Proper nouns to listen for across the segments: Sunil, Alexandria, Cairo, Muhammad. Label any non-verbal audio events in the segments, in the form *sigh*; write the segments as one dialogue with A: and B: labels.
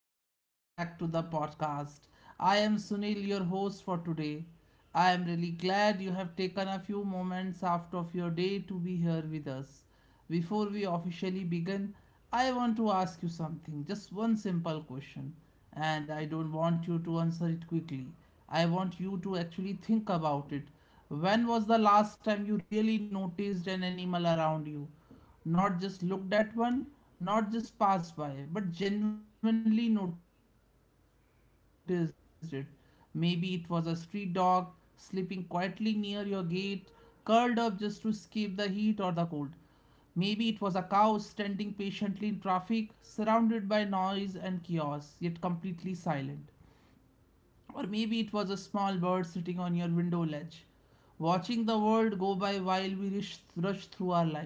A: and welcome back to the podcast. I am Sunil, your host for today. I am really glad you have taken a few moments out of your day to be here with us. Before we officially begin, I want to ask you something, just one simple question, and I don't want you to answer it quickly. I want you to actually think about it. When was the last time you really noticed an animal around you? Not just looked at one, not just passed by, but genuinely noticed it. Maybe it was a street dog sleeping quietly near your gate, curled up just to escape the heat or the cold. Maybe it was a cow standing patiently in traffic, surrounded by noise and chaos, yet completely silent. Or maybe it was a small bird sitting on your window ledge, watching the world go by while we rush through our lives.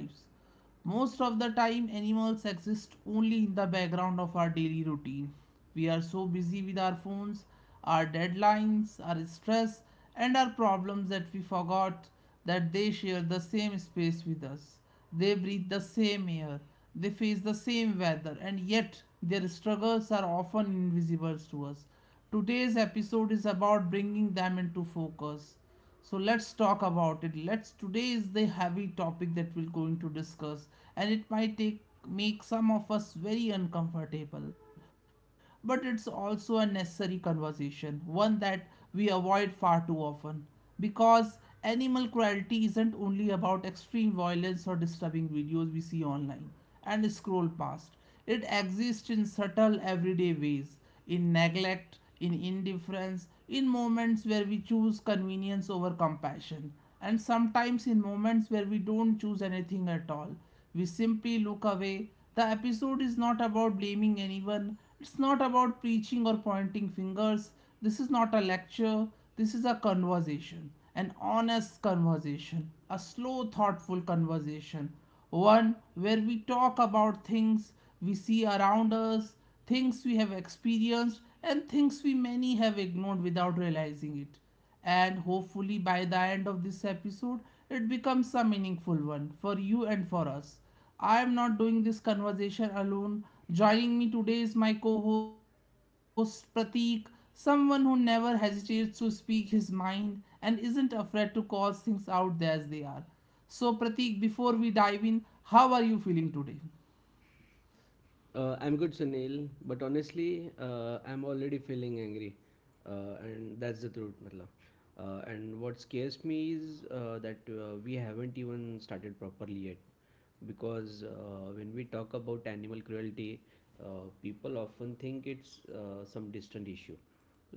A: Most of the time, animals exist only in the background of our daily routine. We are so busy with our phones, our deadlines, our stress, and our problems that we forgot that they share the same space with us. They breathe the same air, they face the same weather, and yet their struggles are often invisible to us. Today's episode is about bringing them into focus. So let's talk about it. Let's Today is the heavy topic that we're going to discuss and it might take make some of us very uncomfortable, but it's also a necessary conversation, one that we avoid far too often because animal cruelty isn't only about extreme violence or disturbing videos we see online and scroll past. It exists in subtle everyday ways in neglect, in indifference, in moments where we choose convenience over compassion, and sometimes in moments where we don't choose anything at all. We simply look away. The episode is not about blaming anyone, it's not about preaching or pointing fingers. This is not a lecture, this is a conversation, an honest conversation, a slow, thoughtful conversation one where we talk about things we see around us, things we have experienced, and things we many have ignored without realizing it. And hopefully, by the end of this episode, it becomes a meaningful one for you and for us. I am not doing this conversation alone. Joining me today is my co host Pratik, someone who never hesitates to speak his mind and isn't afraid to call things out as they are. So, Pratik, before we dive in, how are you feeling today?
B: I'm good, Sunil, but honestly, I'm already feeling angry, and that's the truth, matlab. And what scares me is that we haven't even started properly because when we talk about animal cruelty, people often think it's some distant issue,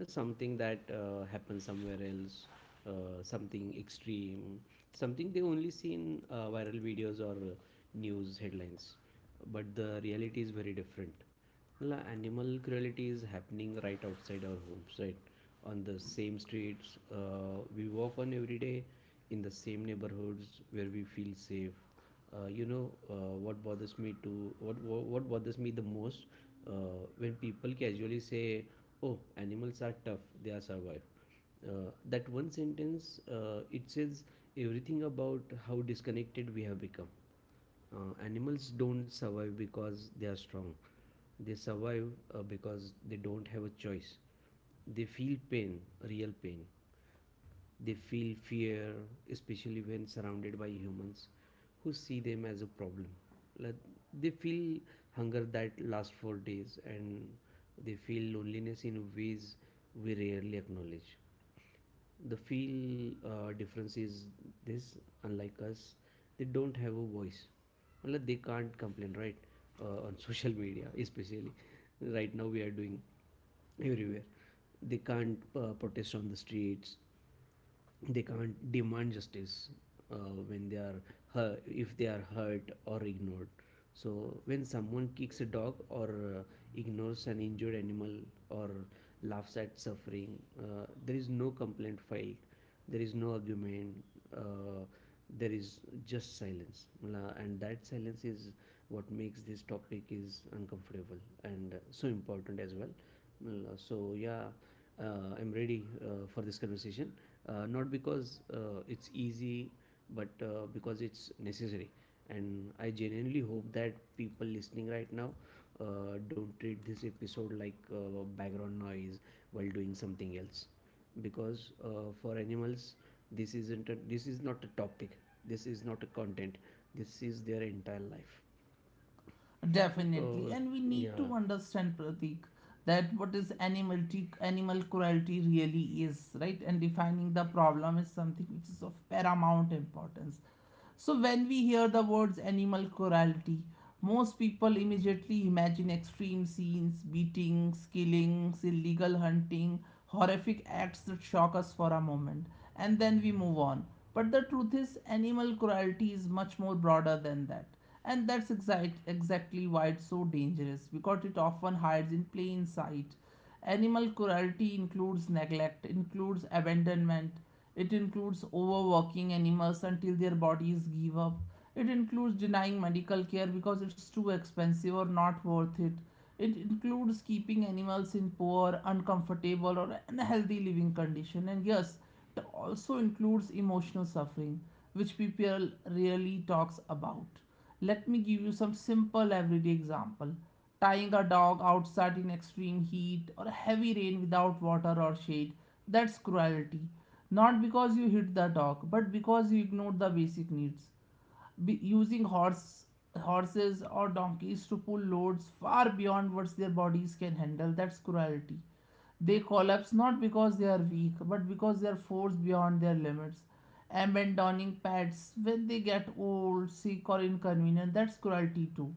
B: something that happens somewhere else, something extreme, something they only see in viral videos or news headlines. But the reality is very different. Animal cruelty is happening right outside our homes, right? On the same streets we walk on every day, in the same neighborhoods where we feel safe. Uh, you know what bothers me to what bothers me the most when people casually say, oh, animals are tough, they are survive. That one sentence, it says everything about how disconnected we have become. Animals don't survive because they are strong, they survive because they don't have a choice. They feel pain, real pain. They feel fear, especially when surrounded by humans who see them as a problem. Like, they feel hunger that lasts for days, and they feel loneliness in ways we rarely acknowledge. The feel uh, difference is this: unlike us, they don't have a voice. Unless they can't complain, right? On social media *laughs* especially, right now we are doing everywhere. They can't protest on the streets, they can't demand justice when they are hurt, if they are hurt or ignored. So when someone kicks a dog or uh, ignores an injured animal or laughs at suffering, there is no complaint filed, there is no argument, uh, there is just silence. And that silence is what makes this topic is uncomfortable and so important as well. So yeah, I'm ready for this conversation, not because it's easy, but because it's necessary. And I genuinely hope that people listening right now don't treat this episode like background noise while doing something else, because for animals, this is not a topic, this is not a content, this is their entire life.
A: Definitely.
B: uh,
A: And we need to
B: yeah.
A: understand, Pratik, that what is animality, animal cruelty really is, right? And defining the problem is something which is of paramount importance. So when we hear the words animal cruelty, most people immediately imagine extreme scenes, beatings, killings, illegal hunting, horrific acts that shock us for a moment, and then we move on. But the truth is, animal cruelty is much more broader than that. And that's exactly why it's so dangerous because it often hides in plain sight. Animal cruelty includes neglect, includes abandonment, it includes overworking animals until their bodies give up, it includes denying medical care because it's too expensive or not worth it. It includes keeping animals in poor, uncomfortable, or unhealthy living condition. And yes, it also includes emotional suffering, which people rarely talks about. Let me give you some simple everyday example. Tying a dog outside in extreme heat or heavy rain without water or shade, that's cruelty. Not because you hit the dog, but because you ignored the basic needs. Using horses or donkeys to pull loads far beyond what their bodies can handle, that's cruelty. They collapse not because they are weak, but because they are forced beyond their limits. Abandoning pets when they get old, sick, or inconvenient, that's cruelty too,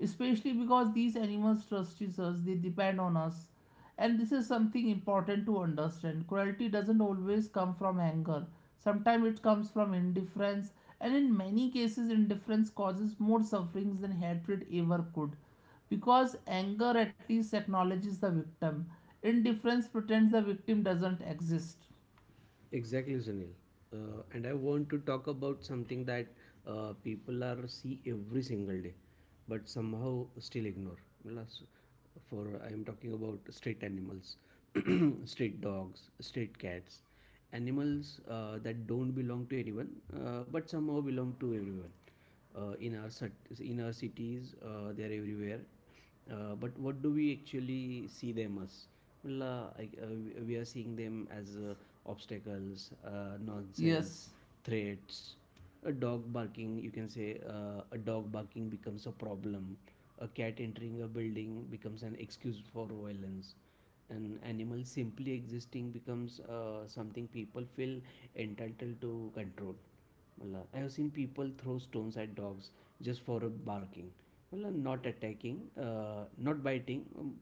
A: especially because these animals trust us, they depend on us. And this is something important to understand: cruelty doesn't always come from anger, sometimes it comes from indifference. And in many cases indifference causes more sufferings than hatred ever could, because anger at least acknowledges the victim; indifference pretends the victim doesn't exist.
B: Exactly, Sunil. And I want to talk about something that people are see every single day, but somehow still ignore. Plus, for I am talking about street animals, *clears throat* street dogs, street cats, animals that don't belong to anyone, but somehow belong to everyone. In our cities, they are everywhere, but what do we actually see them as? Well, we are seeing them as obstacles, nonsense,
A: Yes.
B: threats. A dog barking, you can say, a dog barking becomes a problem. A cat entering a building becomes an excuse for violence. An animal simply existing becomes something people feel entitled to control. Well, I have seen people throw stones at dogs just for barking. Well, not attacking, not biting,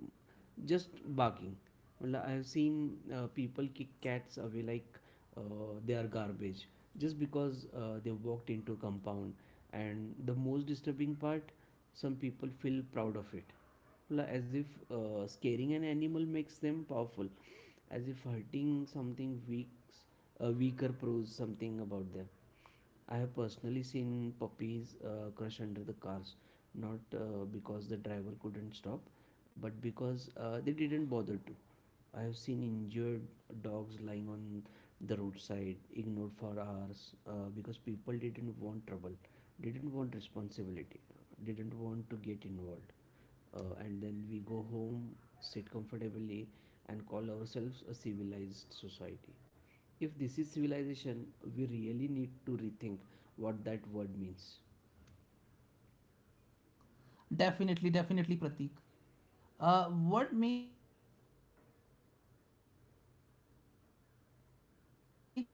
B: just barking. Well, I have seen people kick cats away like they are garbage just because they walked into compound. And the most disturbing part, some people feel proud of it, as if scaring an animal makes them powerful, as if hurting something weaks weaker proves something about them. I have personally seen puppies crush under the cars, not because the driver couldn't stop, but because they didn't bother to. I have seen injured dogs lying on the roadside, ignored for hours because people didn't want trouble, didn't want responsibility, didn't want to get involved. And then we go home, sit comfortably, and call ourselves a civilized society. If this is civilization, we really need to rethink what that word means.
A: Definitely, definitely, Pratik. What makes all of this even more heartbreaking, right, is the contradiction we with.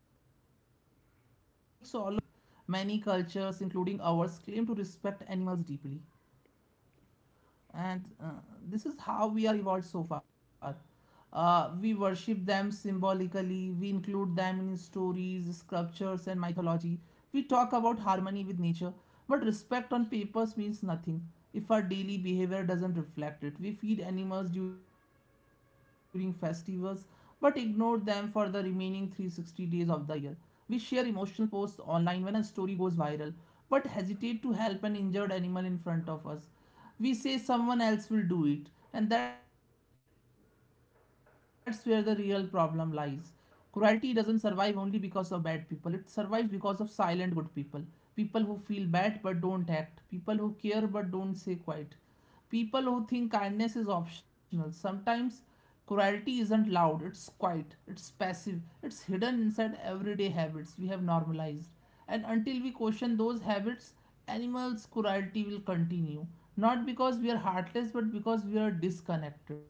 A: Many cultures, including ours, claim to respect animals deeply, and this is how we are evolved so far. We worship them symbolically, we include them in stories, sculptures and mythology. We talk about harmony with nature, but respect on papers means nothing if our daily behavior doesn't reflect it. We feed animals during festivals but ignore them for the remaining 360 days of the year. We share emotional posts online when a story goes viral, but hesitate to help an injured animal in front of us. We say someone else will do it, and that's where the real problem lies. Cruelty doesn't survive only because of bad people, it survives because of silent good people. People who feel bad but don't act, people who care but don't say quiet, people who think kindness is optional sometimes. Cruelty isn't loud, it's quiet, it's passive, it's hidden inside everyday habits we have normalized. And until we question those habits, animals' cruelty will continue. Not because we are heartless, but because we are disconnected.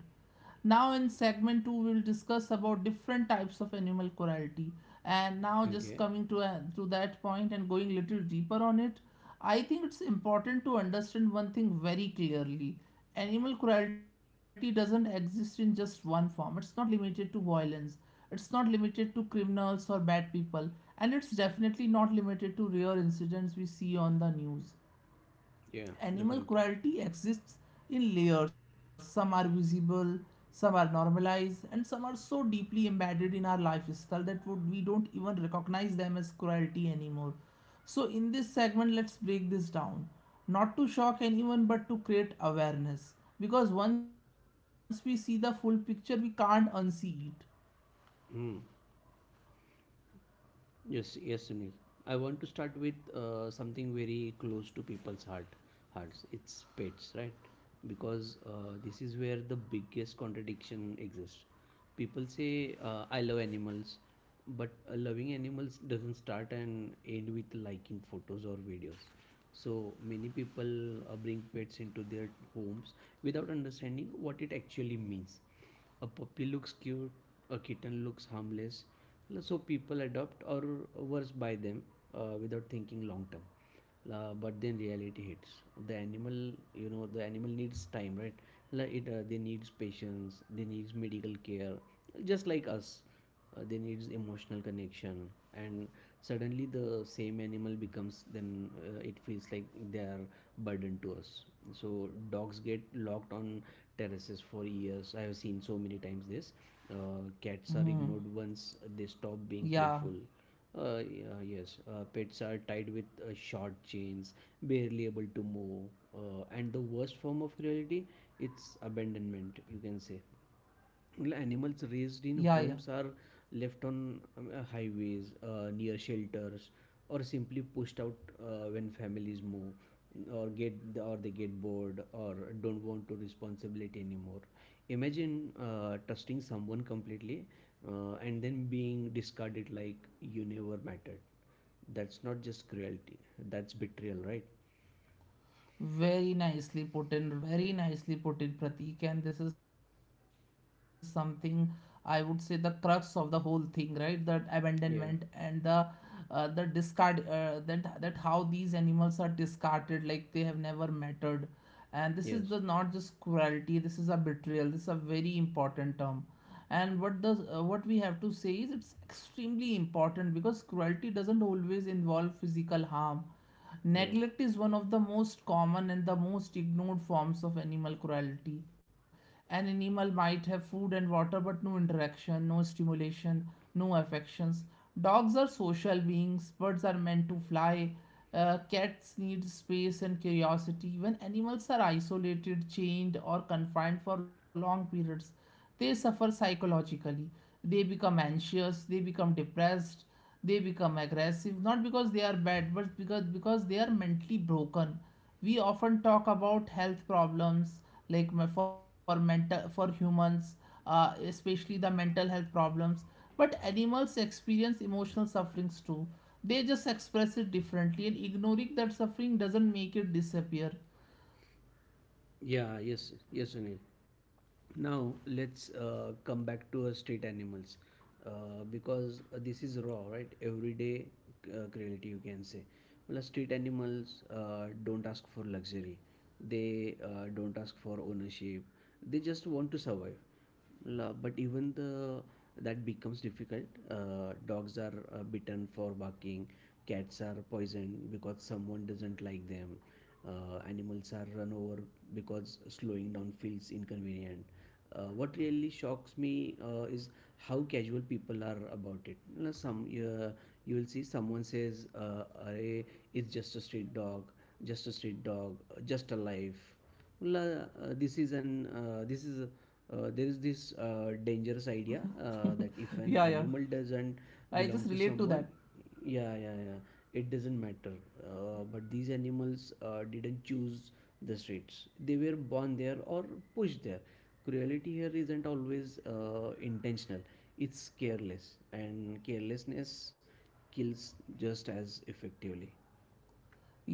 A: Now in segment 2 we will discuss about different types of animal cruelty. And now just
B: Okay.
A: coming to a, to that point and going little deeper on it, I think it's important to understand one thing very clearly: animal cruelty doesn't exist in just one form, it's not limited to violence, it's not limited to criminals or bad people, and it's definitely not limited to rare incidents we see on the news.
B: Yeah,
A: Animal
B: definitely.
A: cruelty exists in layers. Some are visible, some are normalized, and some are so deeply embedded in our lifestyle that we don't even recognize them as cruelty anymore. So, in this segment, let's break this down. Not to shock anyone, but to create awareness. Because once we see the full picture, we can't unsee it.
B: Hmm. Yes, yes, Sunil. I want to start with something very close to hearts. It's pets, right? Because this is where the biggest contradiction exists. People say, "I love animals," but loving animals doesn't start and end with liking photos or videos. So many people bring pets into their homes without understanding what it actually means. A puppy looks cute, a kitten looks harmless. Well, so people adopt or worse buy them without thinking long term. La But then reality hits. The animal, you know, the animal needs time, right? Like it uh, they needs patience, they needs medical care, just like us. They needs emotional connection. And suddenly the same animal becomes then it feels like they are burden to us. So dogs get locked on terraces for years, I have seen so many times this. Cats are
A: Hmm.
B: ignored once they stop being
A: Yeah.
B: playful. Yeah, yes, pets are tied with short chains, barely able to move, and the worst form of cruelty, it's abandonment, you can say. Well, animals raised in
A: Yeah, yeah.
B: homes are left on highways, near shelters, or simply pushed out when families move, or get or they get bored or don't want to responsibility anymore. Imagine trusting someone completely and then being discarded like you never mattered. That's not just cruelty. That's betrayal, right?
A: Very nicely put in, very nicely put in, Pratik. And this is something I would say the crux of the whole thing, right? That abandonment and
B: Yeah.
A: the discard that how these animals are discarded like they have never mattered. And this is the not
B: Yes.
A: just cruelty, this is a betrayal, this is a very important term. And what does what we have to say is it's extremely important because cruelty doesn't always involve physical harm.
B: Yeah.
A: Neglect is one of the most common and the most ignored forms of animal cruelty. An animal might have food and water but no interaction, no stimulation, no affections. Dogs are social beings, birds are meant to fly, cats need space and curiosity. When animals are isolated, chained, or confined for long periods, they suffer psychologically. They become anxious, they become depressed, they become aggressive, not because they are bad, but because they are mentally broken. We often talk about health problems like for mental for humans, especially the mental health problems. But animals experience emotional sufferings too, they just express it differently, and ignoring that suffering doesn't make it disappear.
B: Yeah. Yes. Yes, Sunil. Now let's come back to street animals because this is raw, right? Everyday cruelty, you can say. Well, street animals don't ask for luxury. They don't ask for ownership. They just want to survive. But even the that becomes difficult. Dogs are bitten for barking, cats are poisoned because someone doesn't like them. Animals are run over because slowing down feels inconvenient. What really shocks me is how casual people are about it. You know, some you will see someone says, "Arey, it's just a street dog, just a street dog, just a life." Well, this is there is this
A: *laughs* Yeah,
B: dangerous
A: yeah.
B: idea that if an
A: I just
B: animal
A: relate to
B: doesn't
A: that.
B: belong to someone, yeah, yeah, yeah, it doesn't matter. But these animals didn't choose the streets, they were born there or pushed there. Cruelty here isn't always intentional, it's careless, and carelessness kills just as effectively.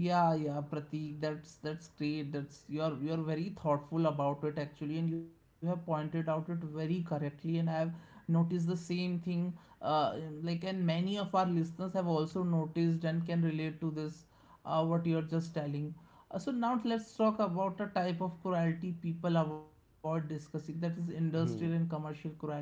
A: Yeah, yeah, Pratik, that's great. That's you're very thoughtful about it actually, and you have pointed out it very correctly. And I've noticed the same thing. Uh, like, and many of our listeners have also noticed and can relate to this. What you're just telling. So now let's talk about the type of cruelty people avoid discussing. That is industrial and
B: Hmm.
A: commercial cruelty.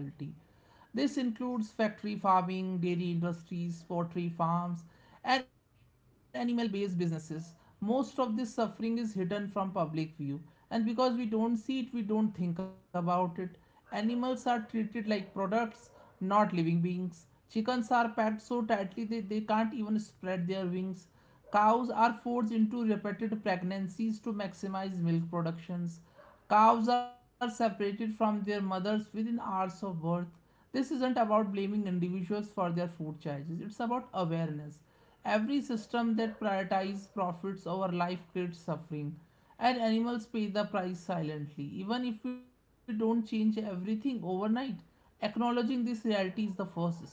A: This includes factory farming, dairy industries, poultry farms, and animal based businesses. Most of this suffering is hidden from public view, and because we don't see it, we don't think about it. Animals are treated like products, not living beings. Chickens are packed so tightly they can't even spread their wings. Cows are forced into repeated pregnancies to maximize milk productions. Cows are separated from their mothers within hours of birth. This isn't about blaming individuals for their food choices. It's about awareness. Every system that prioritizes profits over life creates suffering, and animals pay the price silently. Even if we don't change everything overnight, acknowledging this reality is the first step.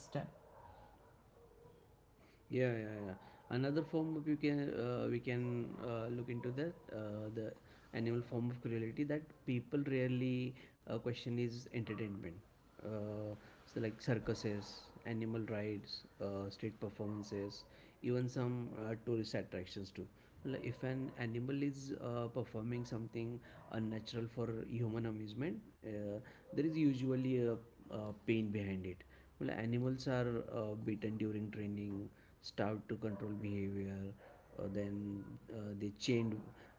B: Yeah, yeah, yeah. Another form of, you can we can look into that, the animal form of cruelty that people rarely question is entertainment. Uh, so like circuses, animal rides, street performances, even some tourist attractions too. Like if an animal is performing something unnatural for human amusement, there is usually a pain behind it. Well, animals are beaten during training, starved to control behavior, then they change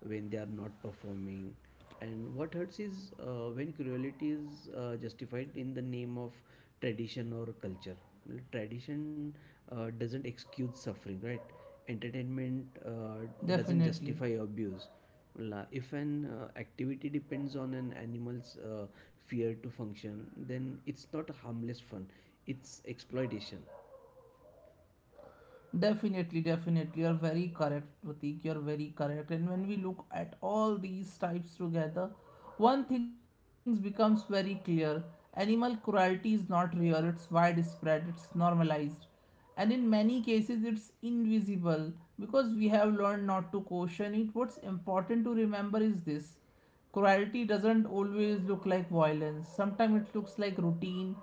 B: when they are not performing. And what hurts is when cruelty is justified in the name of tradition or culture. Well, tradition doesn't excuse suffering, right? Entertainment doesn't
A: Definitely.
B: justify abuse. If an activity depends on an animal's fear to function, then it's not harmless fun, it's exploitation.
A: Definitely, definitely. You're very correct, Pratik. You're very correct. And when we look at all these types together, one thing becomes very clear: animal cruelty is not rare, it's widespread, it's normalized. And in many cases, it's invisible because we have learned not to caution it. What's important to remember is this: cruelty doesn't always look like violence. Sometimes it looks like routine,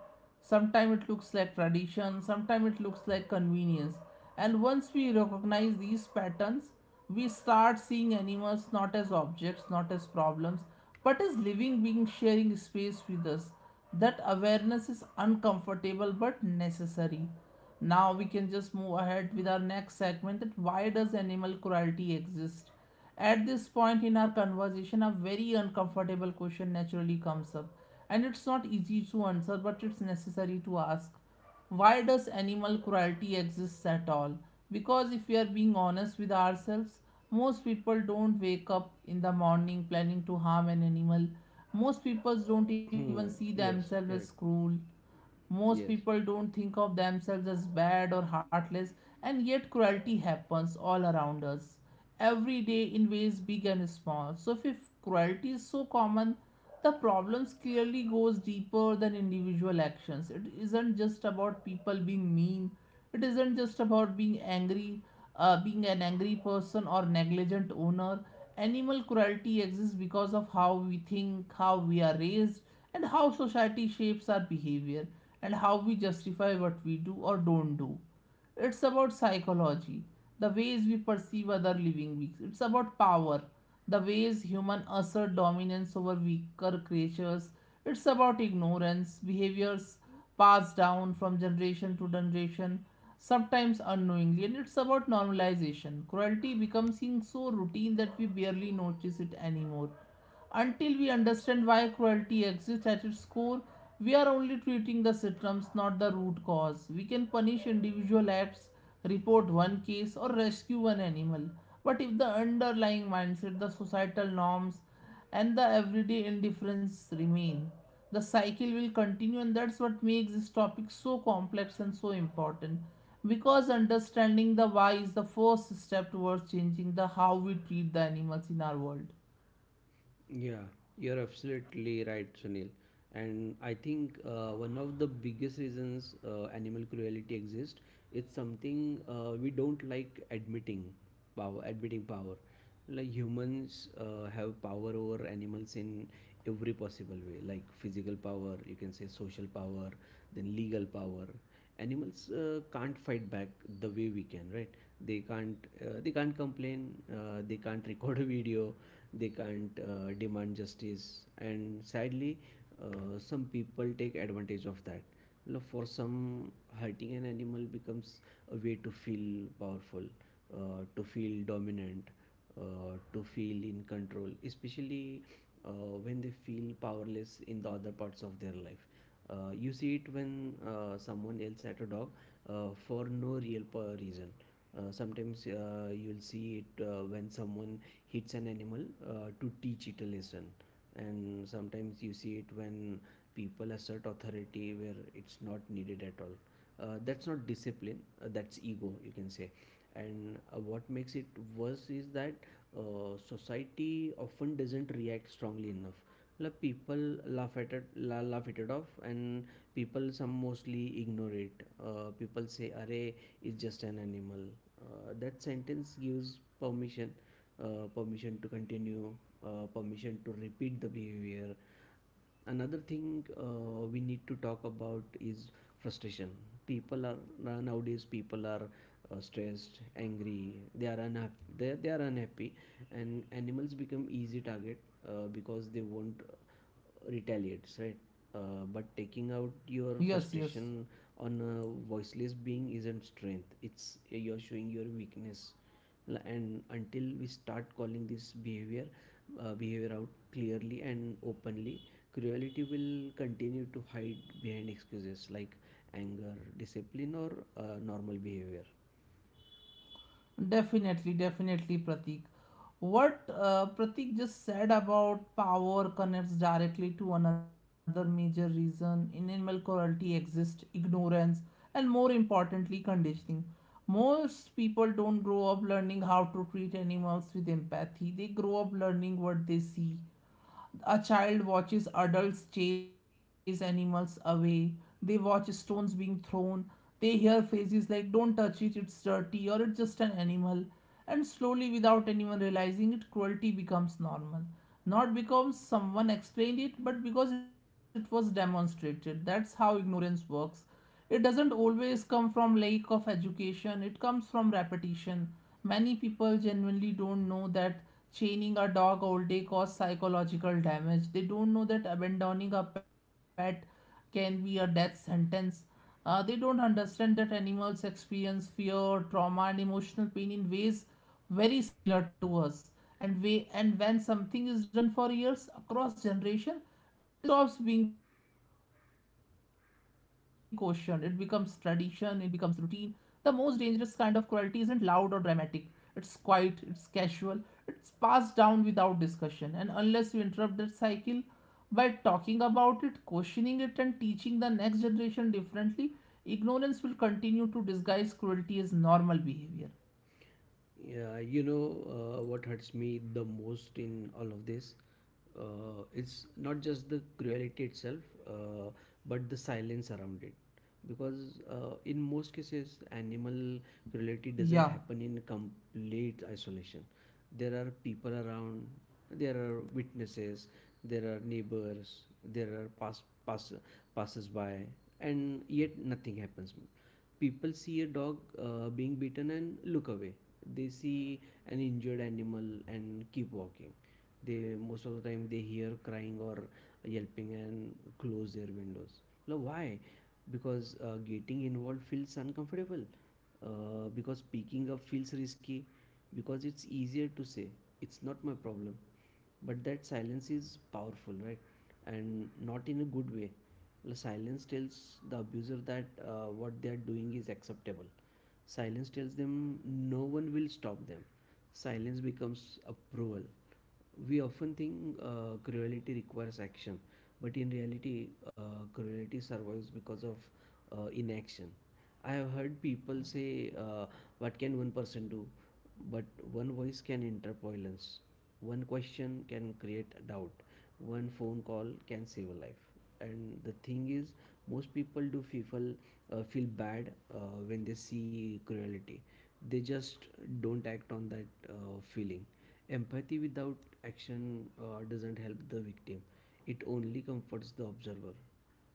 A: sometimes it looks like tradition, sometimes it looks like convenience. And once we recognize these patterns, we start seeing animals not as objects, not as problems, but as living beings sharing space with us. That awareness is uncomfortable but necessary. Now we can just move ahead with our next segment, that why does animal cruelty exist? At this point in our conversation, a very uncomfortable question naturally comes up, and it's not easy to answer, but it's necessary to ask. Why does animal cruelty exist at all? Because if we are being honest with ourselves, most people don't wake up in the morning planning to harm an animal. Most people don't even
B: Hmm.
A: see
B: Yes,
A: themselves as
B: correct.
A: cruel. Most
B: Yes.
A: people don't think of themselves as bad or heartless, and yet cruelty happens all around us every day in ways big and small. So, if cruelty is so common, the problems clearly goes deeper than individual actions. It isn't just about people being mean. It isn't just about being angry, being an angry person or negligent owner. Animal cruelty exists because of how we think, how we are raised, and how society shapes our behavior and how we justify what we do or don't do. It's about psychology, the ways we perceive other living beings. It's about power, the ways humans assert dominance over weaker creatures. It's about ignorance, behaviors passed down from generation to generation, sometimes unknowingly. And it's about normalization. Cruelty becomes so routine that we barely notice it anymore. Until we understand why cruelty exists at its core, we are only treating the symptoms, not the root cause. We can punish individual acts, report one case, or rescue one animal. But if the underlying mindset, the societal norms, and the everyday indifference remain, the cycle will continue, and that's what makes this topic so complex and so important. Because understanding the why is the first step towards changing the how we treat the animals in our world.
B: Yeah, you're absolutely right, Sunil. And I think one of the biggest reasons animal cruelty exists, it's something we don't like admitting: power, admitting power. Like humans have power over animals in every possible way, like physical power, you can say, social power, then legal power. Animals can't fight back the way we can, right? They can't they can't complain, they can't *laughs* record a video, they can't demand justice. And sadly, some people take advantage of that. You know, for some, hurting an animal becomes a way to feel powerful, to feel dominant, to feel in control, especially when they feel powerless in the other parts of their life. You see it when someone else at a dog for no real reason. Sometimes you'll see it when someone hits an animal to teach it a lesson, and sometimes you see it when people assert authority where it's not needed at all. That's not discipline, that's ego, you can say. And what makes it worse is that society often doesn't react strongly enough. Like people laugh at it, laugh at it off, and people some mostly ignore it. People say, "array is just an animal." That sentence gives permission, permission to continue, permission to repeat the behavior. Another thing we need to talk about is frustration. People are Nowadays people are stressed, angry, they are unhappy, they are unhappy, and animals become easy target, because they won't retaliate, right? But taking out
A: Yes,
B: your
A: yes.
B: frustration on a voiceless being isn't strength, it's you're showing your weakness. And until we start calling this behavior out clearly and openly, cruelty will continue to hide behind excuses like anger, discipline, or normal behavior.
A: Definitely, definitely, Pratik. What Pratik just said about power connects directly to another major reason in animal cruelty exists, ignorance and, more importantly, conditioning. Most people don't grow up learning how to treat animals with empathy, they grow up learning what they see. A child watches adults chase animals away. They watch stones being thrown. They hear phrases like, don't touch it, it's dirty, or it's just an animal. And slowly, without anyone realizing it, cruelty becomes normal. Not because someone explained it, but because it was demonstrated. That's how ignorance works. It doesn't always come from lack of education, it comes from repetition. Many people genuinely don't know that chaining a dog all day causes psychological damage. They don't know that abandoning a pet can be a death sentence. They don't understand that animals experience fear, trauma, and emotional pain in ways very similar to us. And when something is done for years across generation, it stops being questioned, it becomes tradition, it becomes routine. The most dangerous kind of cruelty isn't loud or dramatic, it's quiet, it's casual, it's passed down without discussion. And unless you interrupt that cycle by talking about it, questioning it, and teaching the next generation differently, ignorance will continue to disguise cruelty as normal behavior.
B: Yeah, what hurts me the most in all of this? It's not just the cruelty itself, uh, but the silence around it. Because in most cases, animal cruelty doesn't
A: Yeah,
B: happen in complete isolation. There are people around, there are witnesses, there are neighbors, there are passers by, and yet nothing happens. People see a dog being bitten and look away, they see an injured animal and keep walking, they most of the time they hear crying or yelping and close their windows. Now why? Because getting involved feels uncomfortable, because picking up feels risky, because it's easier to say it's not my problem. But that silence is powerful, right? And not in a good way. The silence tells the abuser that what they are doing is acceptable. Silence tells them no one will stop them. Silence becomes approval. We often think cruelty requires action, but in reality cruelty survives because of inaction. I have heard people say, uh, what can one person do? But one voice can interpolence, one question can create doubt, one phone call can save a life. And the thing is, most people do feel bad when they see cruelty, they just don't act on that feeling. Empathy without action doesn't help the victim, it only comforts the observer.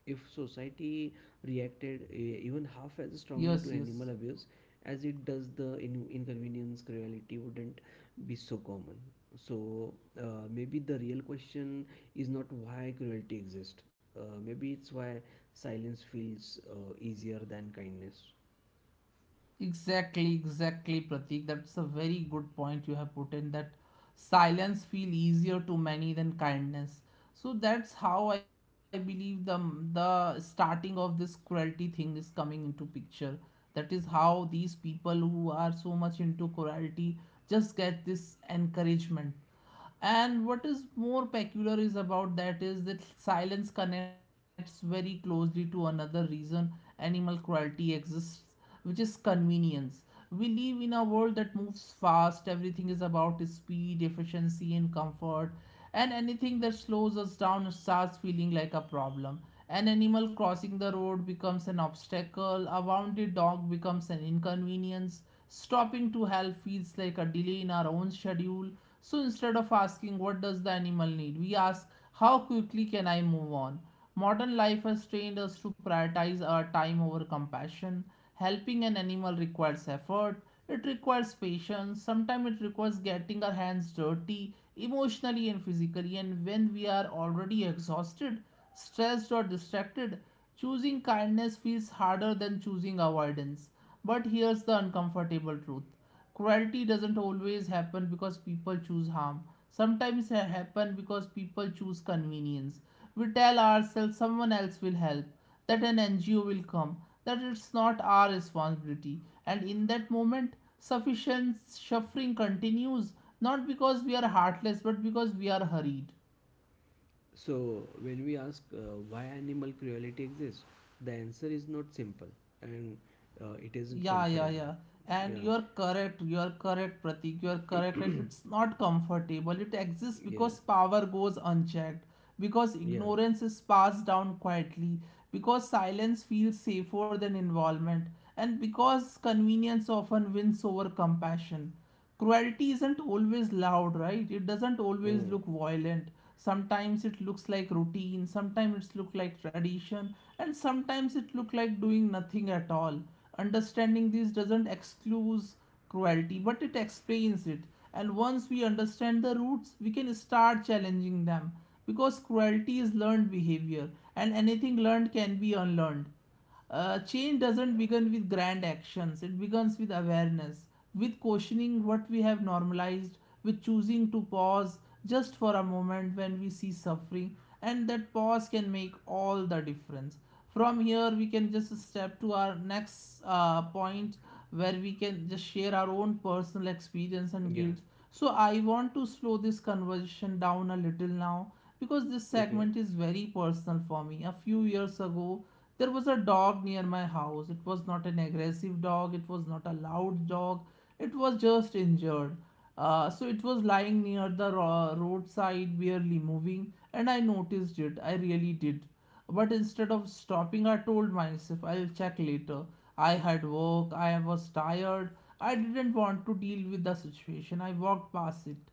B: If society reacted even half as strongly
A: yes,
B: to
A: yes.
B: animal abuse as it does, the inconvenience cruelty wouldn't be so common. So maybe the real question is not why cruelty exists. Maybe it's why silence feels easier than kindness.
A: Exactly, exactly, Pratik. That's a very good point you have put in, that silence feel easier to many than kindness. So that's how I believe the starting of this cruelty thing is coming into picture. That is how these people who are so much into cruelty just get this encouragement. And what is more peculiar is about that is that silence connects very closely to another reason animal cruelty exists, which is convenience. We live in a world that moves fast, everything is about speed, efficiency, and comfort, and anything that slows us down starts feeling like a problem. An animal crossing the road becomes an obstacle, a wounded dog becomes an inconvenience, stopping to help feels like a delay in our own schedule. So instead of asking what does the animal need, we ask how quickly can I move on? Modern life has trained us to prioritize our time over compassion. Helping an animal requires effort, it requires patience, sometimes it requires getting our hands dirty emotionally and physically. And when we are already exhausted, stressed, or distracted, choosing kindness feels harder than choosing avoidance. But here's the uncomfortable truth, cruelty doesn't always happen because people choose harm. Sometimes it happens because people choose convenience. We tell ourselves someone else will help, that an NGO will come, that it's not our responsibility. And in that moment, sufficient suffering continues, not because we are heartless but because we are hurried.
B: So when we ask why animal cruelty exists, the answer is not simple, and it isn't
A: Yeah, yeah,
B: comfortable.
A: yeah. And
B: Yeah.
A: you're correct, Pratik, you're correct. And
B: *clears throat*
A: it's not comfortable. It exists
B: Yeah.
A: because power goes unchecked, because
B: Yeah.
A: ignorance is passed down quietly, because silence feels safer than involvement, and because convenience often wins over compassion. Cruelty isn't always loud, right? It doesn't always
B: Oh.
A: look violent. Sometimes it looks like routine, sometimes it looks like tradition, and sometimes it looks like doing nothing at all. Understanding this doesn't exclude cruelty, but it explains it. And once we understand the roots, we can start challenging them, because cruelty is learned behavior and anything learned can be unlearned. Change doesn't begin with grand actions, it begins with awareness, with questioning what we have normalized, with choosing to pause just for a moment when we see suffering, and that pause can make all the difference. From here, we can just step to our next point where we can just share our own personal experience and
B: Yeah.
A: guilt. So, I want to slow this conversation down a little now because this
B: Okay.
A: segment is very personal for me. A few years ago, there was a dog near my house. It was not an aggressive dog, it was not a loud dog, it was just injured. So it was lying near the roadside, barely moving, and I noticed it. I really did. But instead of stopping, I told myself, I'll check later. I had work, I was tired, I didn't want to deal with the situation. I walked past it.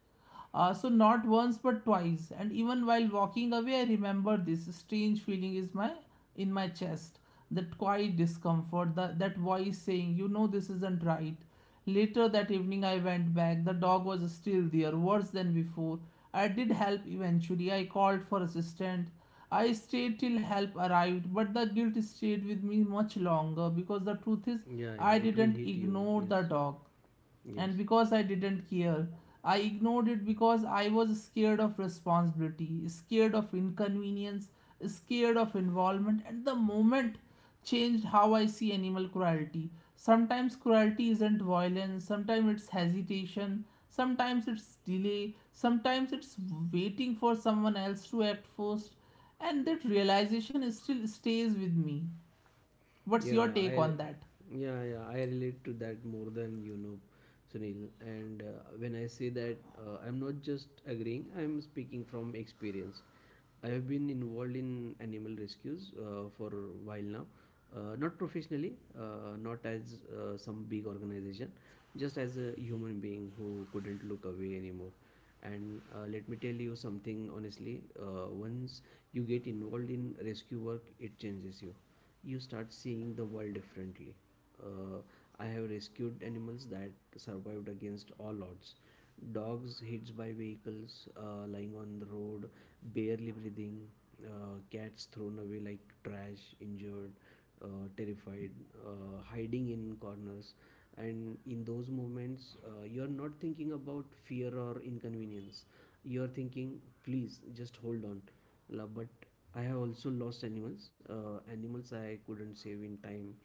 A: So not once but twice, and even while walking away, I remember this strange feeling is my in my chest, that quiet discomfort, that voice saying, you know, this isn't right. Later that evening, I went back. The dog was still there, worse than before. I did help eventually. I called for assistance. I stayed till help arrived, but the guilt stayed with me much longer, because the truth is,
B: Yeah, yeah.
A: I
B: It will
A: didn't
B: hit you.
A: ignore
B: Yes.
A: the dog.
B: Yes.
A: And because I didn't care, I ignored it because I was scared of responsibility, scared of inconvenience, scared of involvement. And the moment changed how I see animal cruelty. Sometimes cruelty isn't violence, sometimes it's hesitation, sometimes it's delay, sometimes it's waiting for someone else to act first. And that realization is still stays with me. What's
B: Yeah,
A: your
B: I
A: take on that?
B: yeah, yeah, I relate to that more than you know, Sunil. And when I say that, I'm not just agreeing, I'm speaking from experience. I have been involved in animal rescues for a while now. Not professionally, not as some big organization, just as a human being who couldn't look away anymore. And let me tell you something honestly. Once you get involved in rescue work, it changes you. You start seeing the world differently. Uh, i have rescued animals that survived against all odds: dogs hit by vehicles, lying on the road, barely breathing, cats thrown away like trash, injured, terrified, hiding in corners. And in those moments, you're not thinking about fear or inconvenience. You're thinking, please just hold on. But I have also lost animals, animals I couldn't save in time,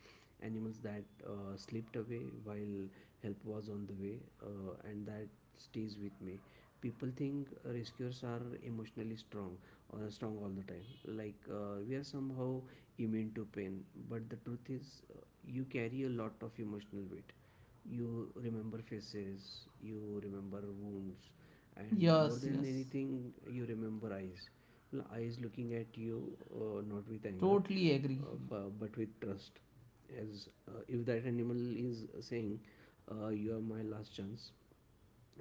B: animals that slipped away while help was on the way, and that stays with me. People think rescuers are emotionally strong, or strong all the time. Like we are somehow immune to pain, but the truth is, you carry a lot of emotional weight. You remember faces, you remember wounds, and more
A: Yes,
B: than
A: yes.
B: anything, you remember eyes. Eyes looking at you, not with anger,
A: Totally agree.
B: but with trust. As if that animal is saying, "You are my last chance,"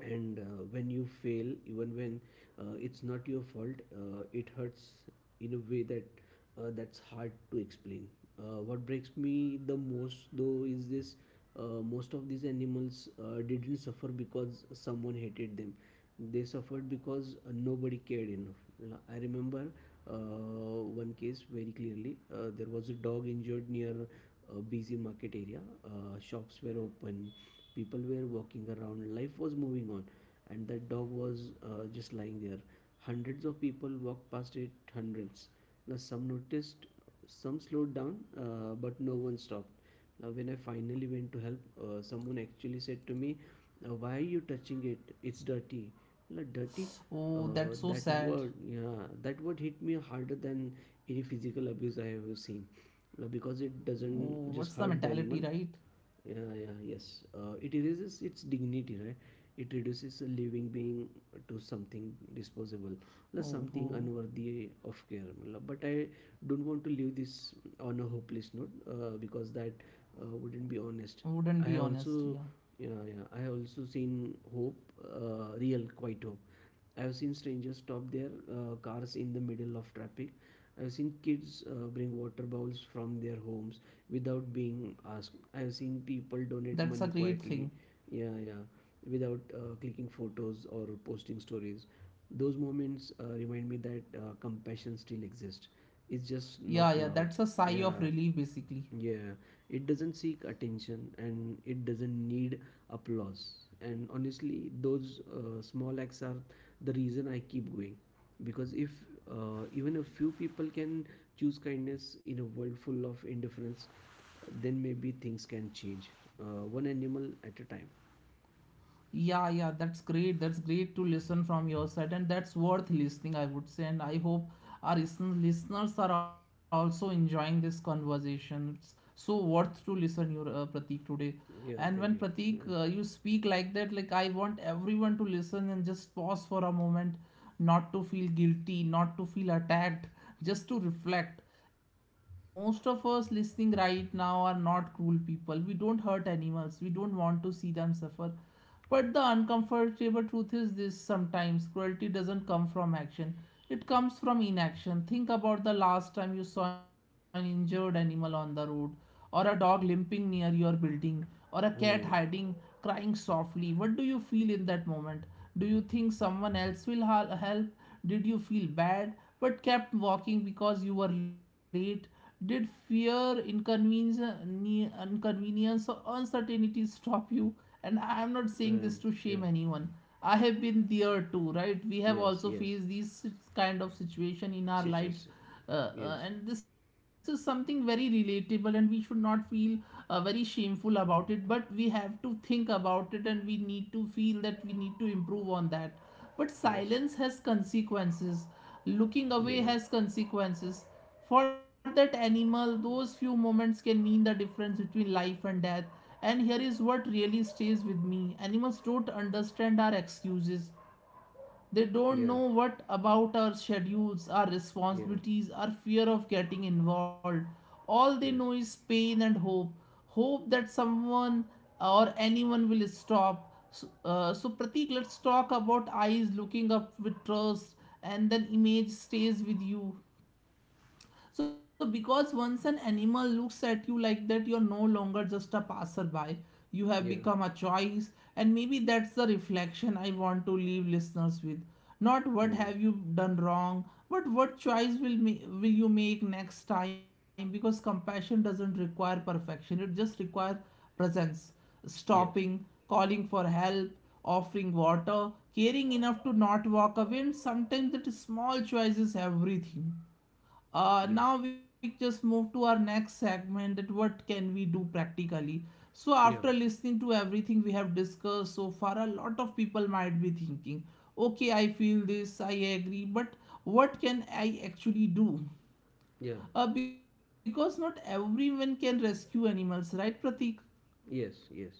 B: and when you fail, even when it's not your fault, it hurts in a way that's hard to explain. What breaks me the most, though, is this: most of these animals didn't suffer because someone hated them, they suffered because nobody cared enough. I remember one case very clearly. There was a dog injured near a busy market area. Shops were open, people were walking around, life was moving on, and that dog was just lying there. Hundreds of people walked past it, hundreds. Plus, some noticed, some slowed down, but no one stopped. Now, when I finally went to help, someone actually said to me, "Now, why are you touching it? It's dirty." Like, dirty. Uh,
A: Oh,
B: that
A: that's so
B: word,
A: sad.
B: yeah, that word hit me harder than any physical abuse I have ever seen. Now, because it
A: Oh,
B: doesn't
A: what's the
B: just hurt the
A: mentality,
B: animal,
A: right?
B: yeah, yeah, yes. It erases its dignity, right? It reduces a living being to something disposable, plus something
A: Oh, oh,
B: unworthy of care. Matlab, but I don't want to leave this on a hopeless note, because that wouldn't be honest. I have
A: wouldn't be
B: also,
A: honest. Yeah,
B: yeah, yeah, I have also seen hope, real, quite hope. I've seen strangers stop their cars in the middle of traffic. I've seen kids bring water bowls from their homes without being asked. I've seen people donate money
A: that's a
B: quietly,
A: great thing.
B: yeah, yeah, without clicking photos or posting stories. Those moments remind me that compassion still exists. It's just not
A: Yeah, yeah,
B: loud.
A: that's a sigh of
B: Yeah.
A: relief, basically.
B: Yeah, it doesn't seek attention and it doesn't need applause. And honestly, those small acts are the reason I keep going. Because if even a few people can choose kindness in a world full of indifference, then maybe things can change, one animal at a time.
A: Yeah, yeah, that's great. That's great to listen from your side, and that's worth listening, I would say. And I hope our listeners are also enjoying this conversation. It's so worth to listen your Pratik today.
B: Yeah, thank you.
A: And when Pratik, you speak like that, like I want everyone to listen and just pause for a moment, not to feel guilty, not to feel attacked, just to reflect. Because most of us listening right now are not cruel people. We don't hurt animals. We don't want to see them suffer, but the uncomfortable truth is this, sometimes cruelty doesn't come from action, it comes from inaction. Think about the last time you saw an injured animal on the road, or a dog limping near your building, or a cat
B: Mm. Mm.
A: hiding, crying softly. What do you feel in that moment? Do you think someone else will help? Did you feel bad but kept walking because you were late? Did fear, inconvenience, inconvenience, or uncertainty stop you? And I am not saying this
B: Um,
A: to shame
B: yeah,
A: anyone. I have been there too, right? We have
B: yes,
A: also
B: yes.
A: faced these kind of situation in our
B: Yes,
A: lives,
B: yes,
A: uh,
B: yes,
A: and this is something very relatable, and we should not feel very shameful about it. But we have to think about it, and we need to feel that we need to improve on that. But
B: yes.
A: silence has consequences. Looking away
B: Yeah,
A: has consequences. For that animal, those few moments can mean the difference between life and death. And here is what really stays with me, animals don't understand our excuses. They don't
B: yeah,
A: know what about our schedules, our
B: yeah,
A: responsibilities, our fear of getting involved. All they know
B: yes,
A: is pain and hope. Hope that someone or anyone will stop. So, so Pratik, let's talk about eyes looking up with trust, and then image stays with you. So, because once an animal looks at you like that, you're no longer just a passerby. You
B: yeah,
A: have become a choice, and maybe that's the reflection I want to leave listeners with. Not what
B: yeah.
A: have you done wrong, but what choice will you make next time? Because compassion doesn't require perfection; it just requires presence,
B: Yes,
A: stopping, calling for help, offering water, caring enough to not walk away, and sometimes that small choice is everything.
B: yes,
A: Now we just move to our next segment: that what can we do practically? So after
B: yeah,
A: listening to everything we have discussed so far, a lot of people might be thinking, okay, I feel this, I agree, but what can I actually do?
B: yeah,
A: Because not everyone can rescue animals, right, Pratik?
B: yes, yes.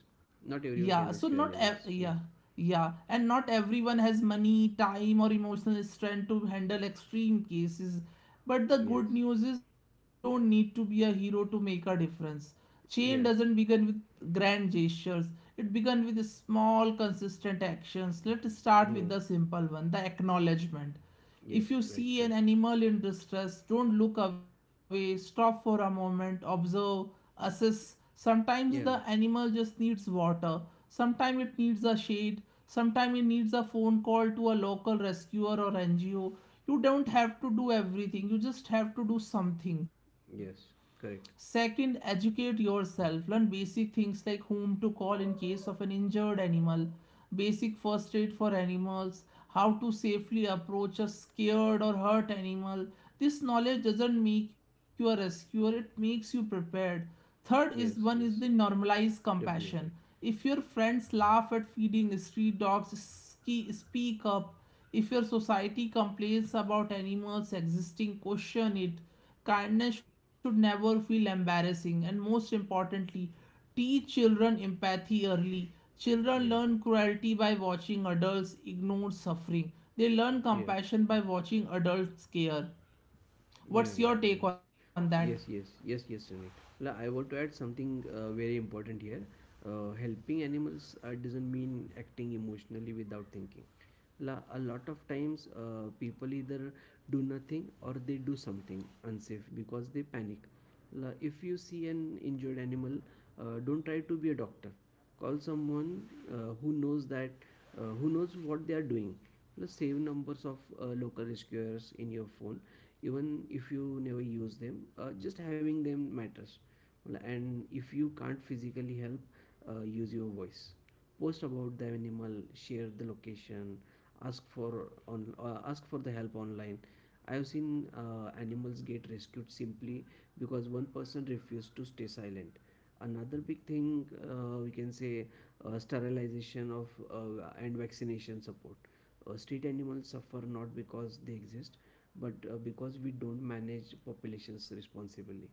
B: Not everyone
A: yeah,
B: can
A: so
B: rescue
A: not ev-
B: animals.
A: yeah,
B: Yes,
A: yeah, and not everyone has money, time, or emotional strength to handle extreme cases. But the
B: yes,
A: good news is you don't need to be a hero to make a difference. Change
B: yes,
A: doesn't begin with grand gestures. It begins with small, consistent actions. Let's start
B: hmm,
A: with the simple one, the acknowledgement.
B: yes,
A: If you
B: right,
A: see an
B: correct.
A: animal in distress, don't look away, stop for a moment, observe, assess. Sometimes the
B: Yeah,
A: animal just needs water, sometimes it needs a shade, sometimes it needs a phone call to a local rescuer or NGO. You don't have to do everything, you just have to do something.
B: yes, correct.
A: Second, educate yourself. Learn basic things like whom to call in case of an injured animal, basic first aid for animals, how to safely approach a scared or hurt animal. This knowledge doesn't make you a rescuer, it makes you prepared. Third is one
B: Yes,
A: is the
B: yes,
A: normalize compassion.
B: definitely.
A: If your friends laugh at feeding street dogs, speak up. If your society complains about animals existing, question it. Kindness should never feel embarrassing, and most importantly, teach children empathy early. Children
B: Yeah,
A: learn cruelty by watching adults ignore suffering. They learn
B: yeah,
A: compassion by watching adults care.
B: yeah,
A: What's your
B: yeah,
A: take on that?
B: yes, yes, yes, yes, yes, Sunil. La, I want to add something very important here. Helping animals doesn't mean acting emotionally without thinking. A lot of times, people either do nothing or they do something unsafe because they panic. If you see an injured animal, don't try to be a doctor. Call someone who knows that, who knows what they are doing. Plus, save numbers of local rescuers in your phone. Even if you never use them, just having them matters. And if you can't physically help, use your voice. Post about the animal, share the location, ask for the help online. I have seen animals get rescued simply because one person refused to stay silent. Another big thing we can say, sterilization of and vaccination support. Street animals suffer not because they exist, but because we don't manage populations responsibly.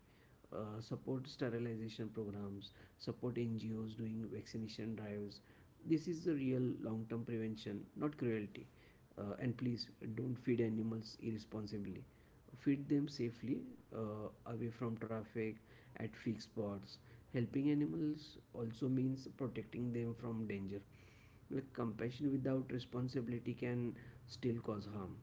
B: Support sterilization programs, support NGOs doing vaccination drives. This is the real long term prevention, not cruelty. And please, don't feed animals irresponsibly. Feed them safely, uh, away from traffic, at fixed spots. Helping animals also means protecting them from danger, like compassion without responsibility can still cause harm.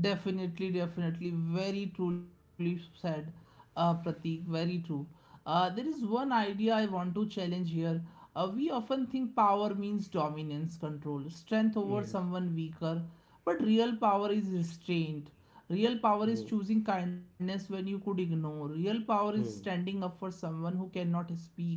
A: Definitely, definitely. Very truly said, Pratik. Very true. There is one idea I want to challenge here. We often think power means dominance, control, strength over
B: Yes.
A: someone weaker, but real power is restraint. Real power is
B: Hmm.
A: choosing kindness when you could ignore. Real power is
B: Hmm.
A: standing up for someone who cannot speak.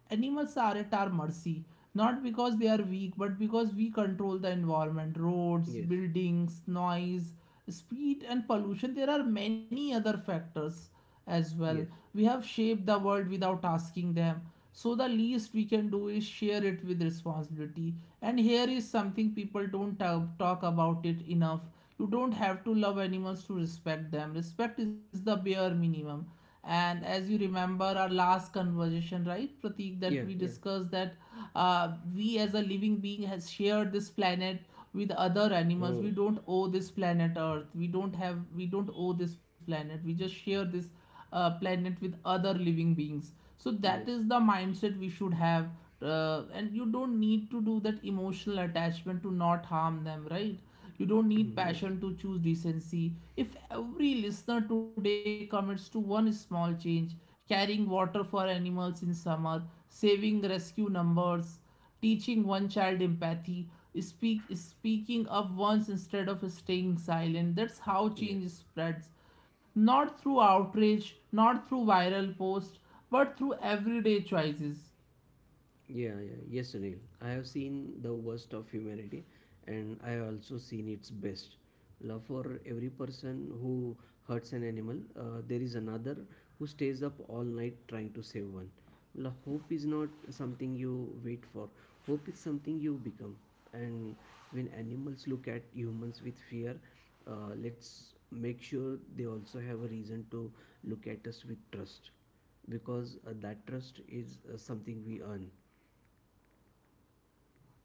A: Animals are at our mercy, not because they are weak, but because we control the environment, roads,
B: Yes.
A: buildings, noise, speed, and pollution. There are many other factors as well.
B: Yes.
A: We have shaped the world without asking them. So, the least we can do is share it with responsibility. And here is something people don't talk about it enough. You don't have to love animals to respect them. Respect is the bare minimum, and as you remember our last conversation, right, Pratik, that
B: Yeah.
A: we
B: Yeah.
A: discussed that, uh, we as a living being has shared this planet with other
B: Hmm.
A: animals. We don't owe this planet earth, we don't owe this planet, we just share this planet with other living beings. So that
B: Yes.
A: is
B: *clears throat*
A: the mindset we should have. And you don't need to do that emotional attachment to not harm them, right? You don't need
B: Hmm. Yes.
A: passion to choose decency. If every listener today commits to one small change, carrying water for animals in summer, saving rescue numbers, teaching one child empathy, speaking up once instead of staying silent, that's how
B: Yeah.
A: change spreads, not through outrage, not through viral posts, but through everyday choices.
B: Yeah, yeah. Yes, Sunil. I have seen the worst of humanity, and I have also seen its best. Love, for every person who hurts an animal, there is another who stays up all night trying to save one. Hope is not something you wait for, hope is something you become. And when animals look at humans with fear, let's make sure they also have a reason to look at us with trust, because that trust is something we earn.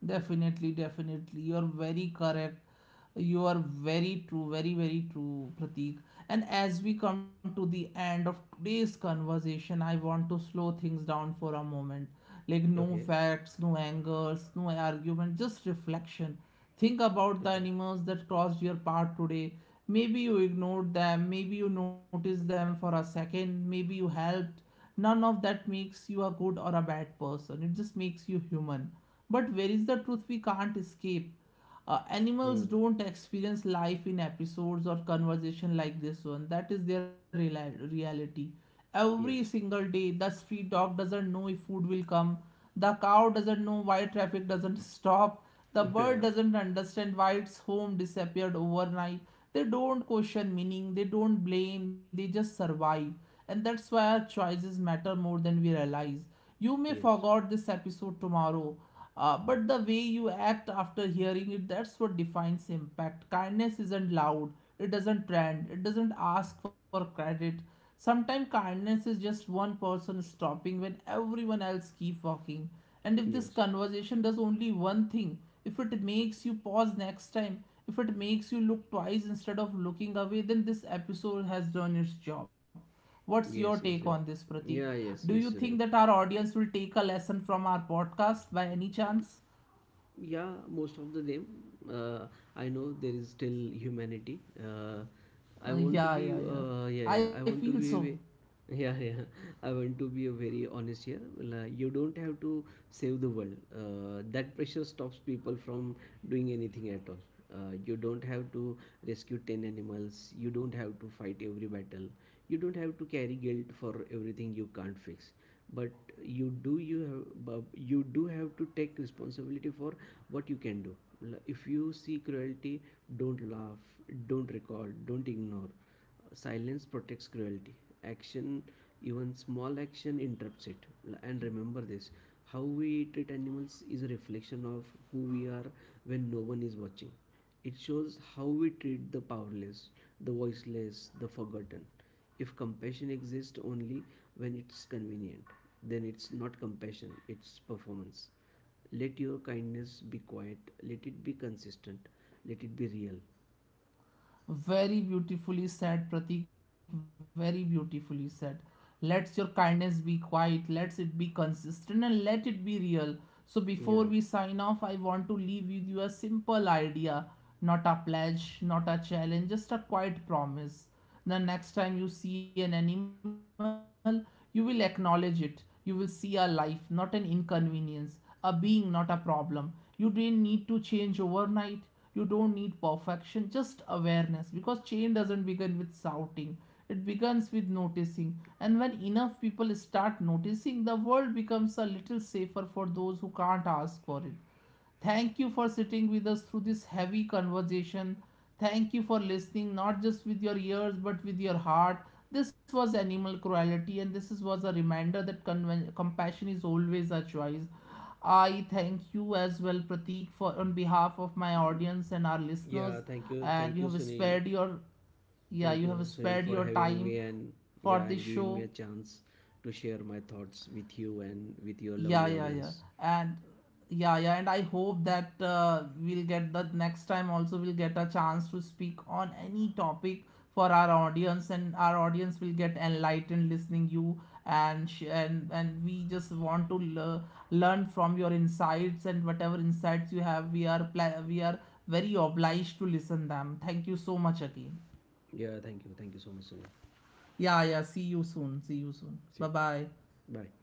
A: Definitely, definitely. You're very correct. You are very true, very, very true, Pratik. And as we come to the end of today's conversation, I want to slow things down for a moment. Like, no
B: Okay,
A: facts, no angers, no argument, just reflection. Think about the
B: okay.
A: animals that crossed your path today. Maybe you ignored them, maybe you noticed them for a second, maybe you helped. None of that makes you a good or a bad person. It just makes you human. But where is the truth we can't escape? Animals
B: Hmm.
A: don't experience life in episodes or conversation like this one. That is their reality. Every
B: Yes.
A: single day, the street dog doesn't know if food will come. The cow doesn't know why traffic doesn't *laughs* stop. The
B: *laughs* Yeah.
A: bird doesn't understand why its home disappeared overnight. They don't question meaning, they don't blame, they just survive. And that's why our choices matter more than we realize. You may
B: Yes.
A: forget this episode tomorrow, but the way you act after hearing it, that's what defines impact. Kindness isn't loud, it doesn't trend, it doesn't ask for credit. Sometimes kindness is just one person stopping when everyone else keep walking. And if this
B: Yes.
A: conversation does only one thing, if it makes you pause next time, if it makes you look twice instead of looking away, then this episode has done its job. What's your
B: Yes. Yes.
A: take
B: Yeah.
A: on this, Pratik?
B: Yeah.
A: Do
B: Yes.
A: you
B: Yes, Sunil.
A: think that our audience will take a lesson from our podcast by any chance?
B: Yeah, most of the them, uh, I know there is still humanity. Uh, I
A: Uh,
B: want to be
A: yeah, yeah, yeah.
B: Yeah, yeah, I
A: I
B: want to
A: feel
B: be
A: so.
B: yeah, *laughs* yeah, I want to be a very honest here. Well, you don't have to save the world. That pressure stops people from doing anything at all. You don't have to rescue 10 animals, you don't have to fight every battle, you don't have to carry guilt for everything you can't fix. But you have, you do have to take responsibility for what you can do. If you see cruelty, don't laugh, don't record, don't ignore. Silence protects cruelty. Action, even small action, interrupts it. And remember this: how we treat animals is a reflection of who we are. When no one is watching, it shows how we treat the powerless, the voiceless, the forgotten. If compassion exists only when it's convenient, then it's not compassion, it's performance. Let your kindness be quiet, let it be consistent, let it be real.
A: Very beautifully said, Pratik. Very beautifully said. Let your kindness be quiet, let it be consistent, and let it be real. So, before we
B: Yeah.
A: sign off, I want to leave with you a simple idea, not a pledge, not a challenge, just a quiet promise. The next time you see an animal, you will acknowledge it. You will see a life, not an inconvenience, a being, not a problem. You didn't need to change overnight, you don't need perfection, just awareness, because change doesn't begin with shouting, it begins with noticing. And when enough people start noticing, the world becomes a little safer for those who can't ask for it. Thank you for sitting with us through this heavy conversation. Thank you for listening, not just with your ears but with your heart. This was animal cruelty, and this is, was a reminder that compassion is always a choice. I thank you as well, Pratik, for on behalf of my audience and our
B: Yeah,
A: listeners.
B: thank you.
A: And
B: Thank
A: you
B: you,
A: have
B: Sunil. Thank
A: you
B: you,
A: have
B: Sunil,
A: spared
B: for
A: your
B: having me,
A: time
B: and
A: for this
B: yeah, and
A: show.
B: giving me a chance to share my thoughts with you and with your
A: Yeah,
B: lovely
A: yeah, yeah.
B: audience.
A: And yeah, and I hope that we'll get, the next time also we'll get a chance to speak on any topic for our audience, and our audience will get enlightened listening you. And and we just want to learn from your insights, and whatever insights you have we are we are very obliged to listen them. Thank you so much again.
B: Yeah, thank you. Thank you so much, Sunil.
A: Yeah, yeah, see you soon. See you soon.
B: See you.
A: Bye-bye.
B: Bye.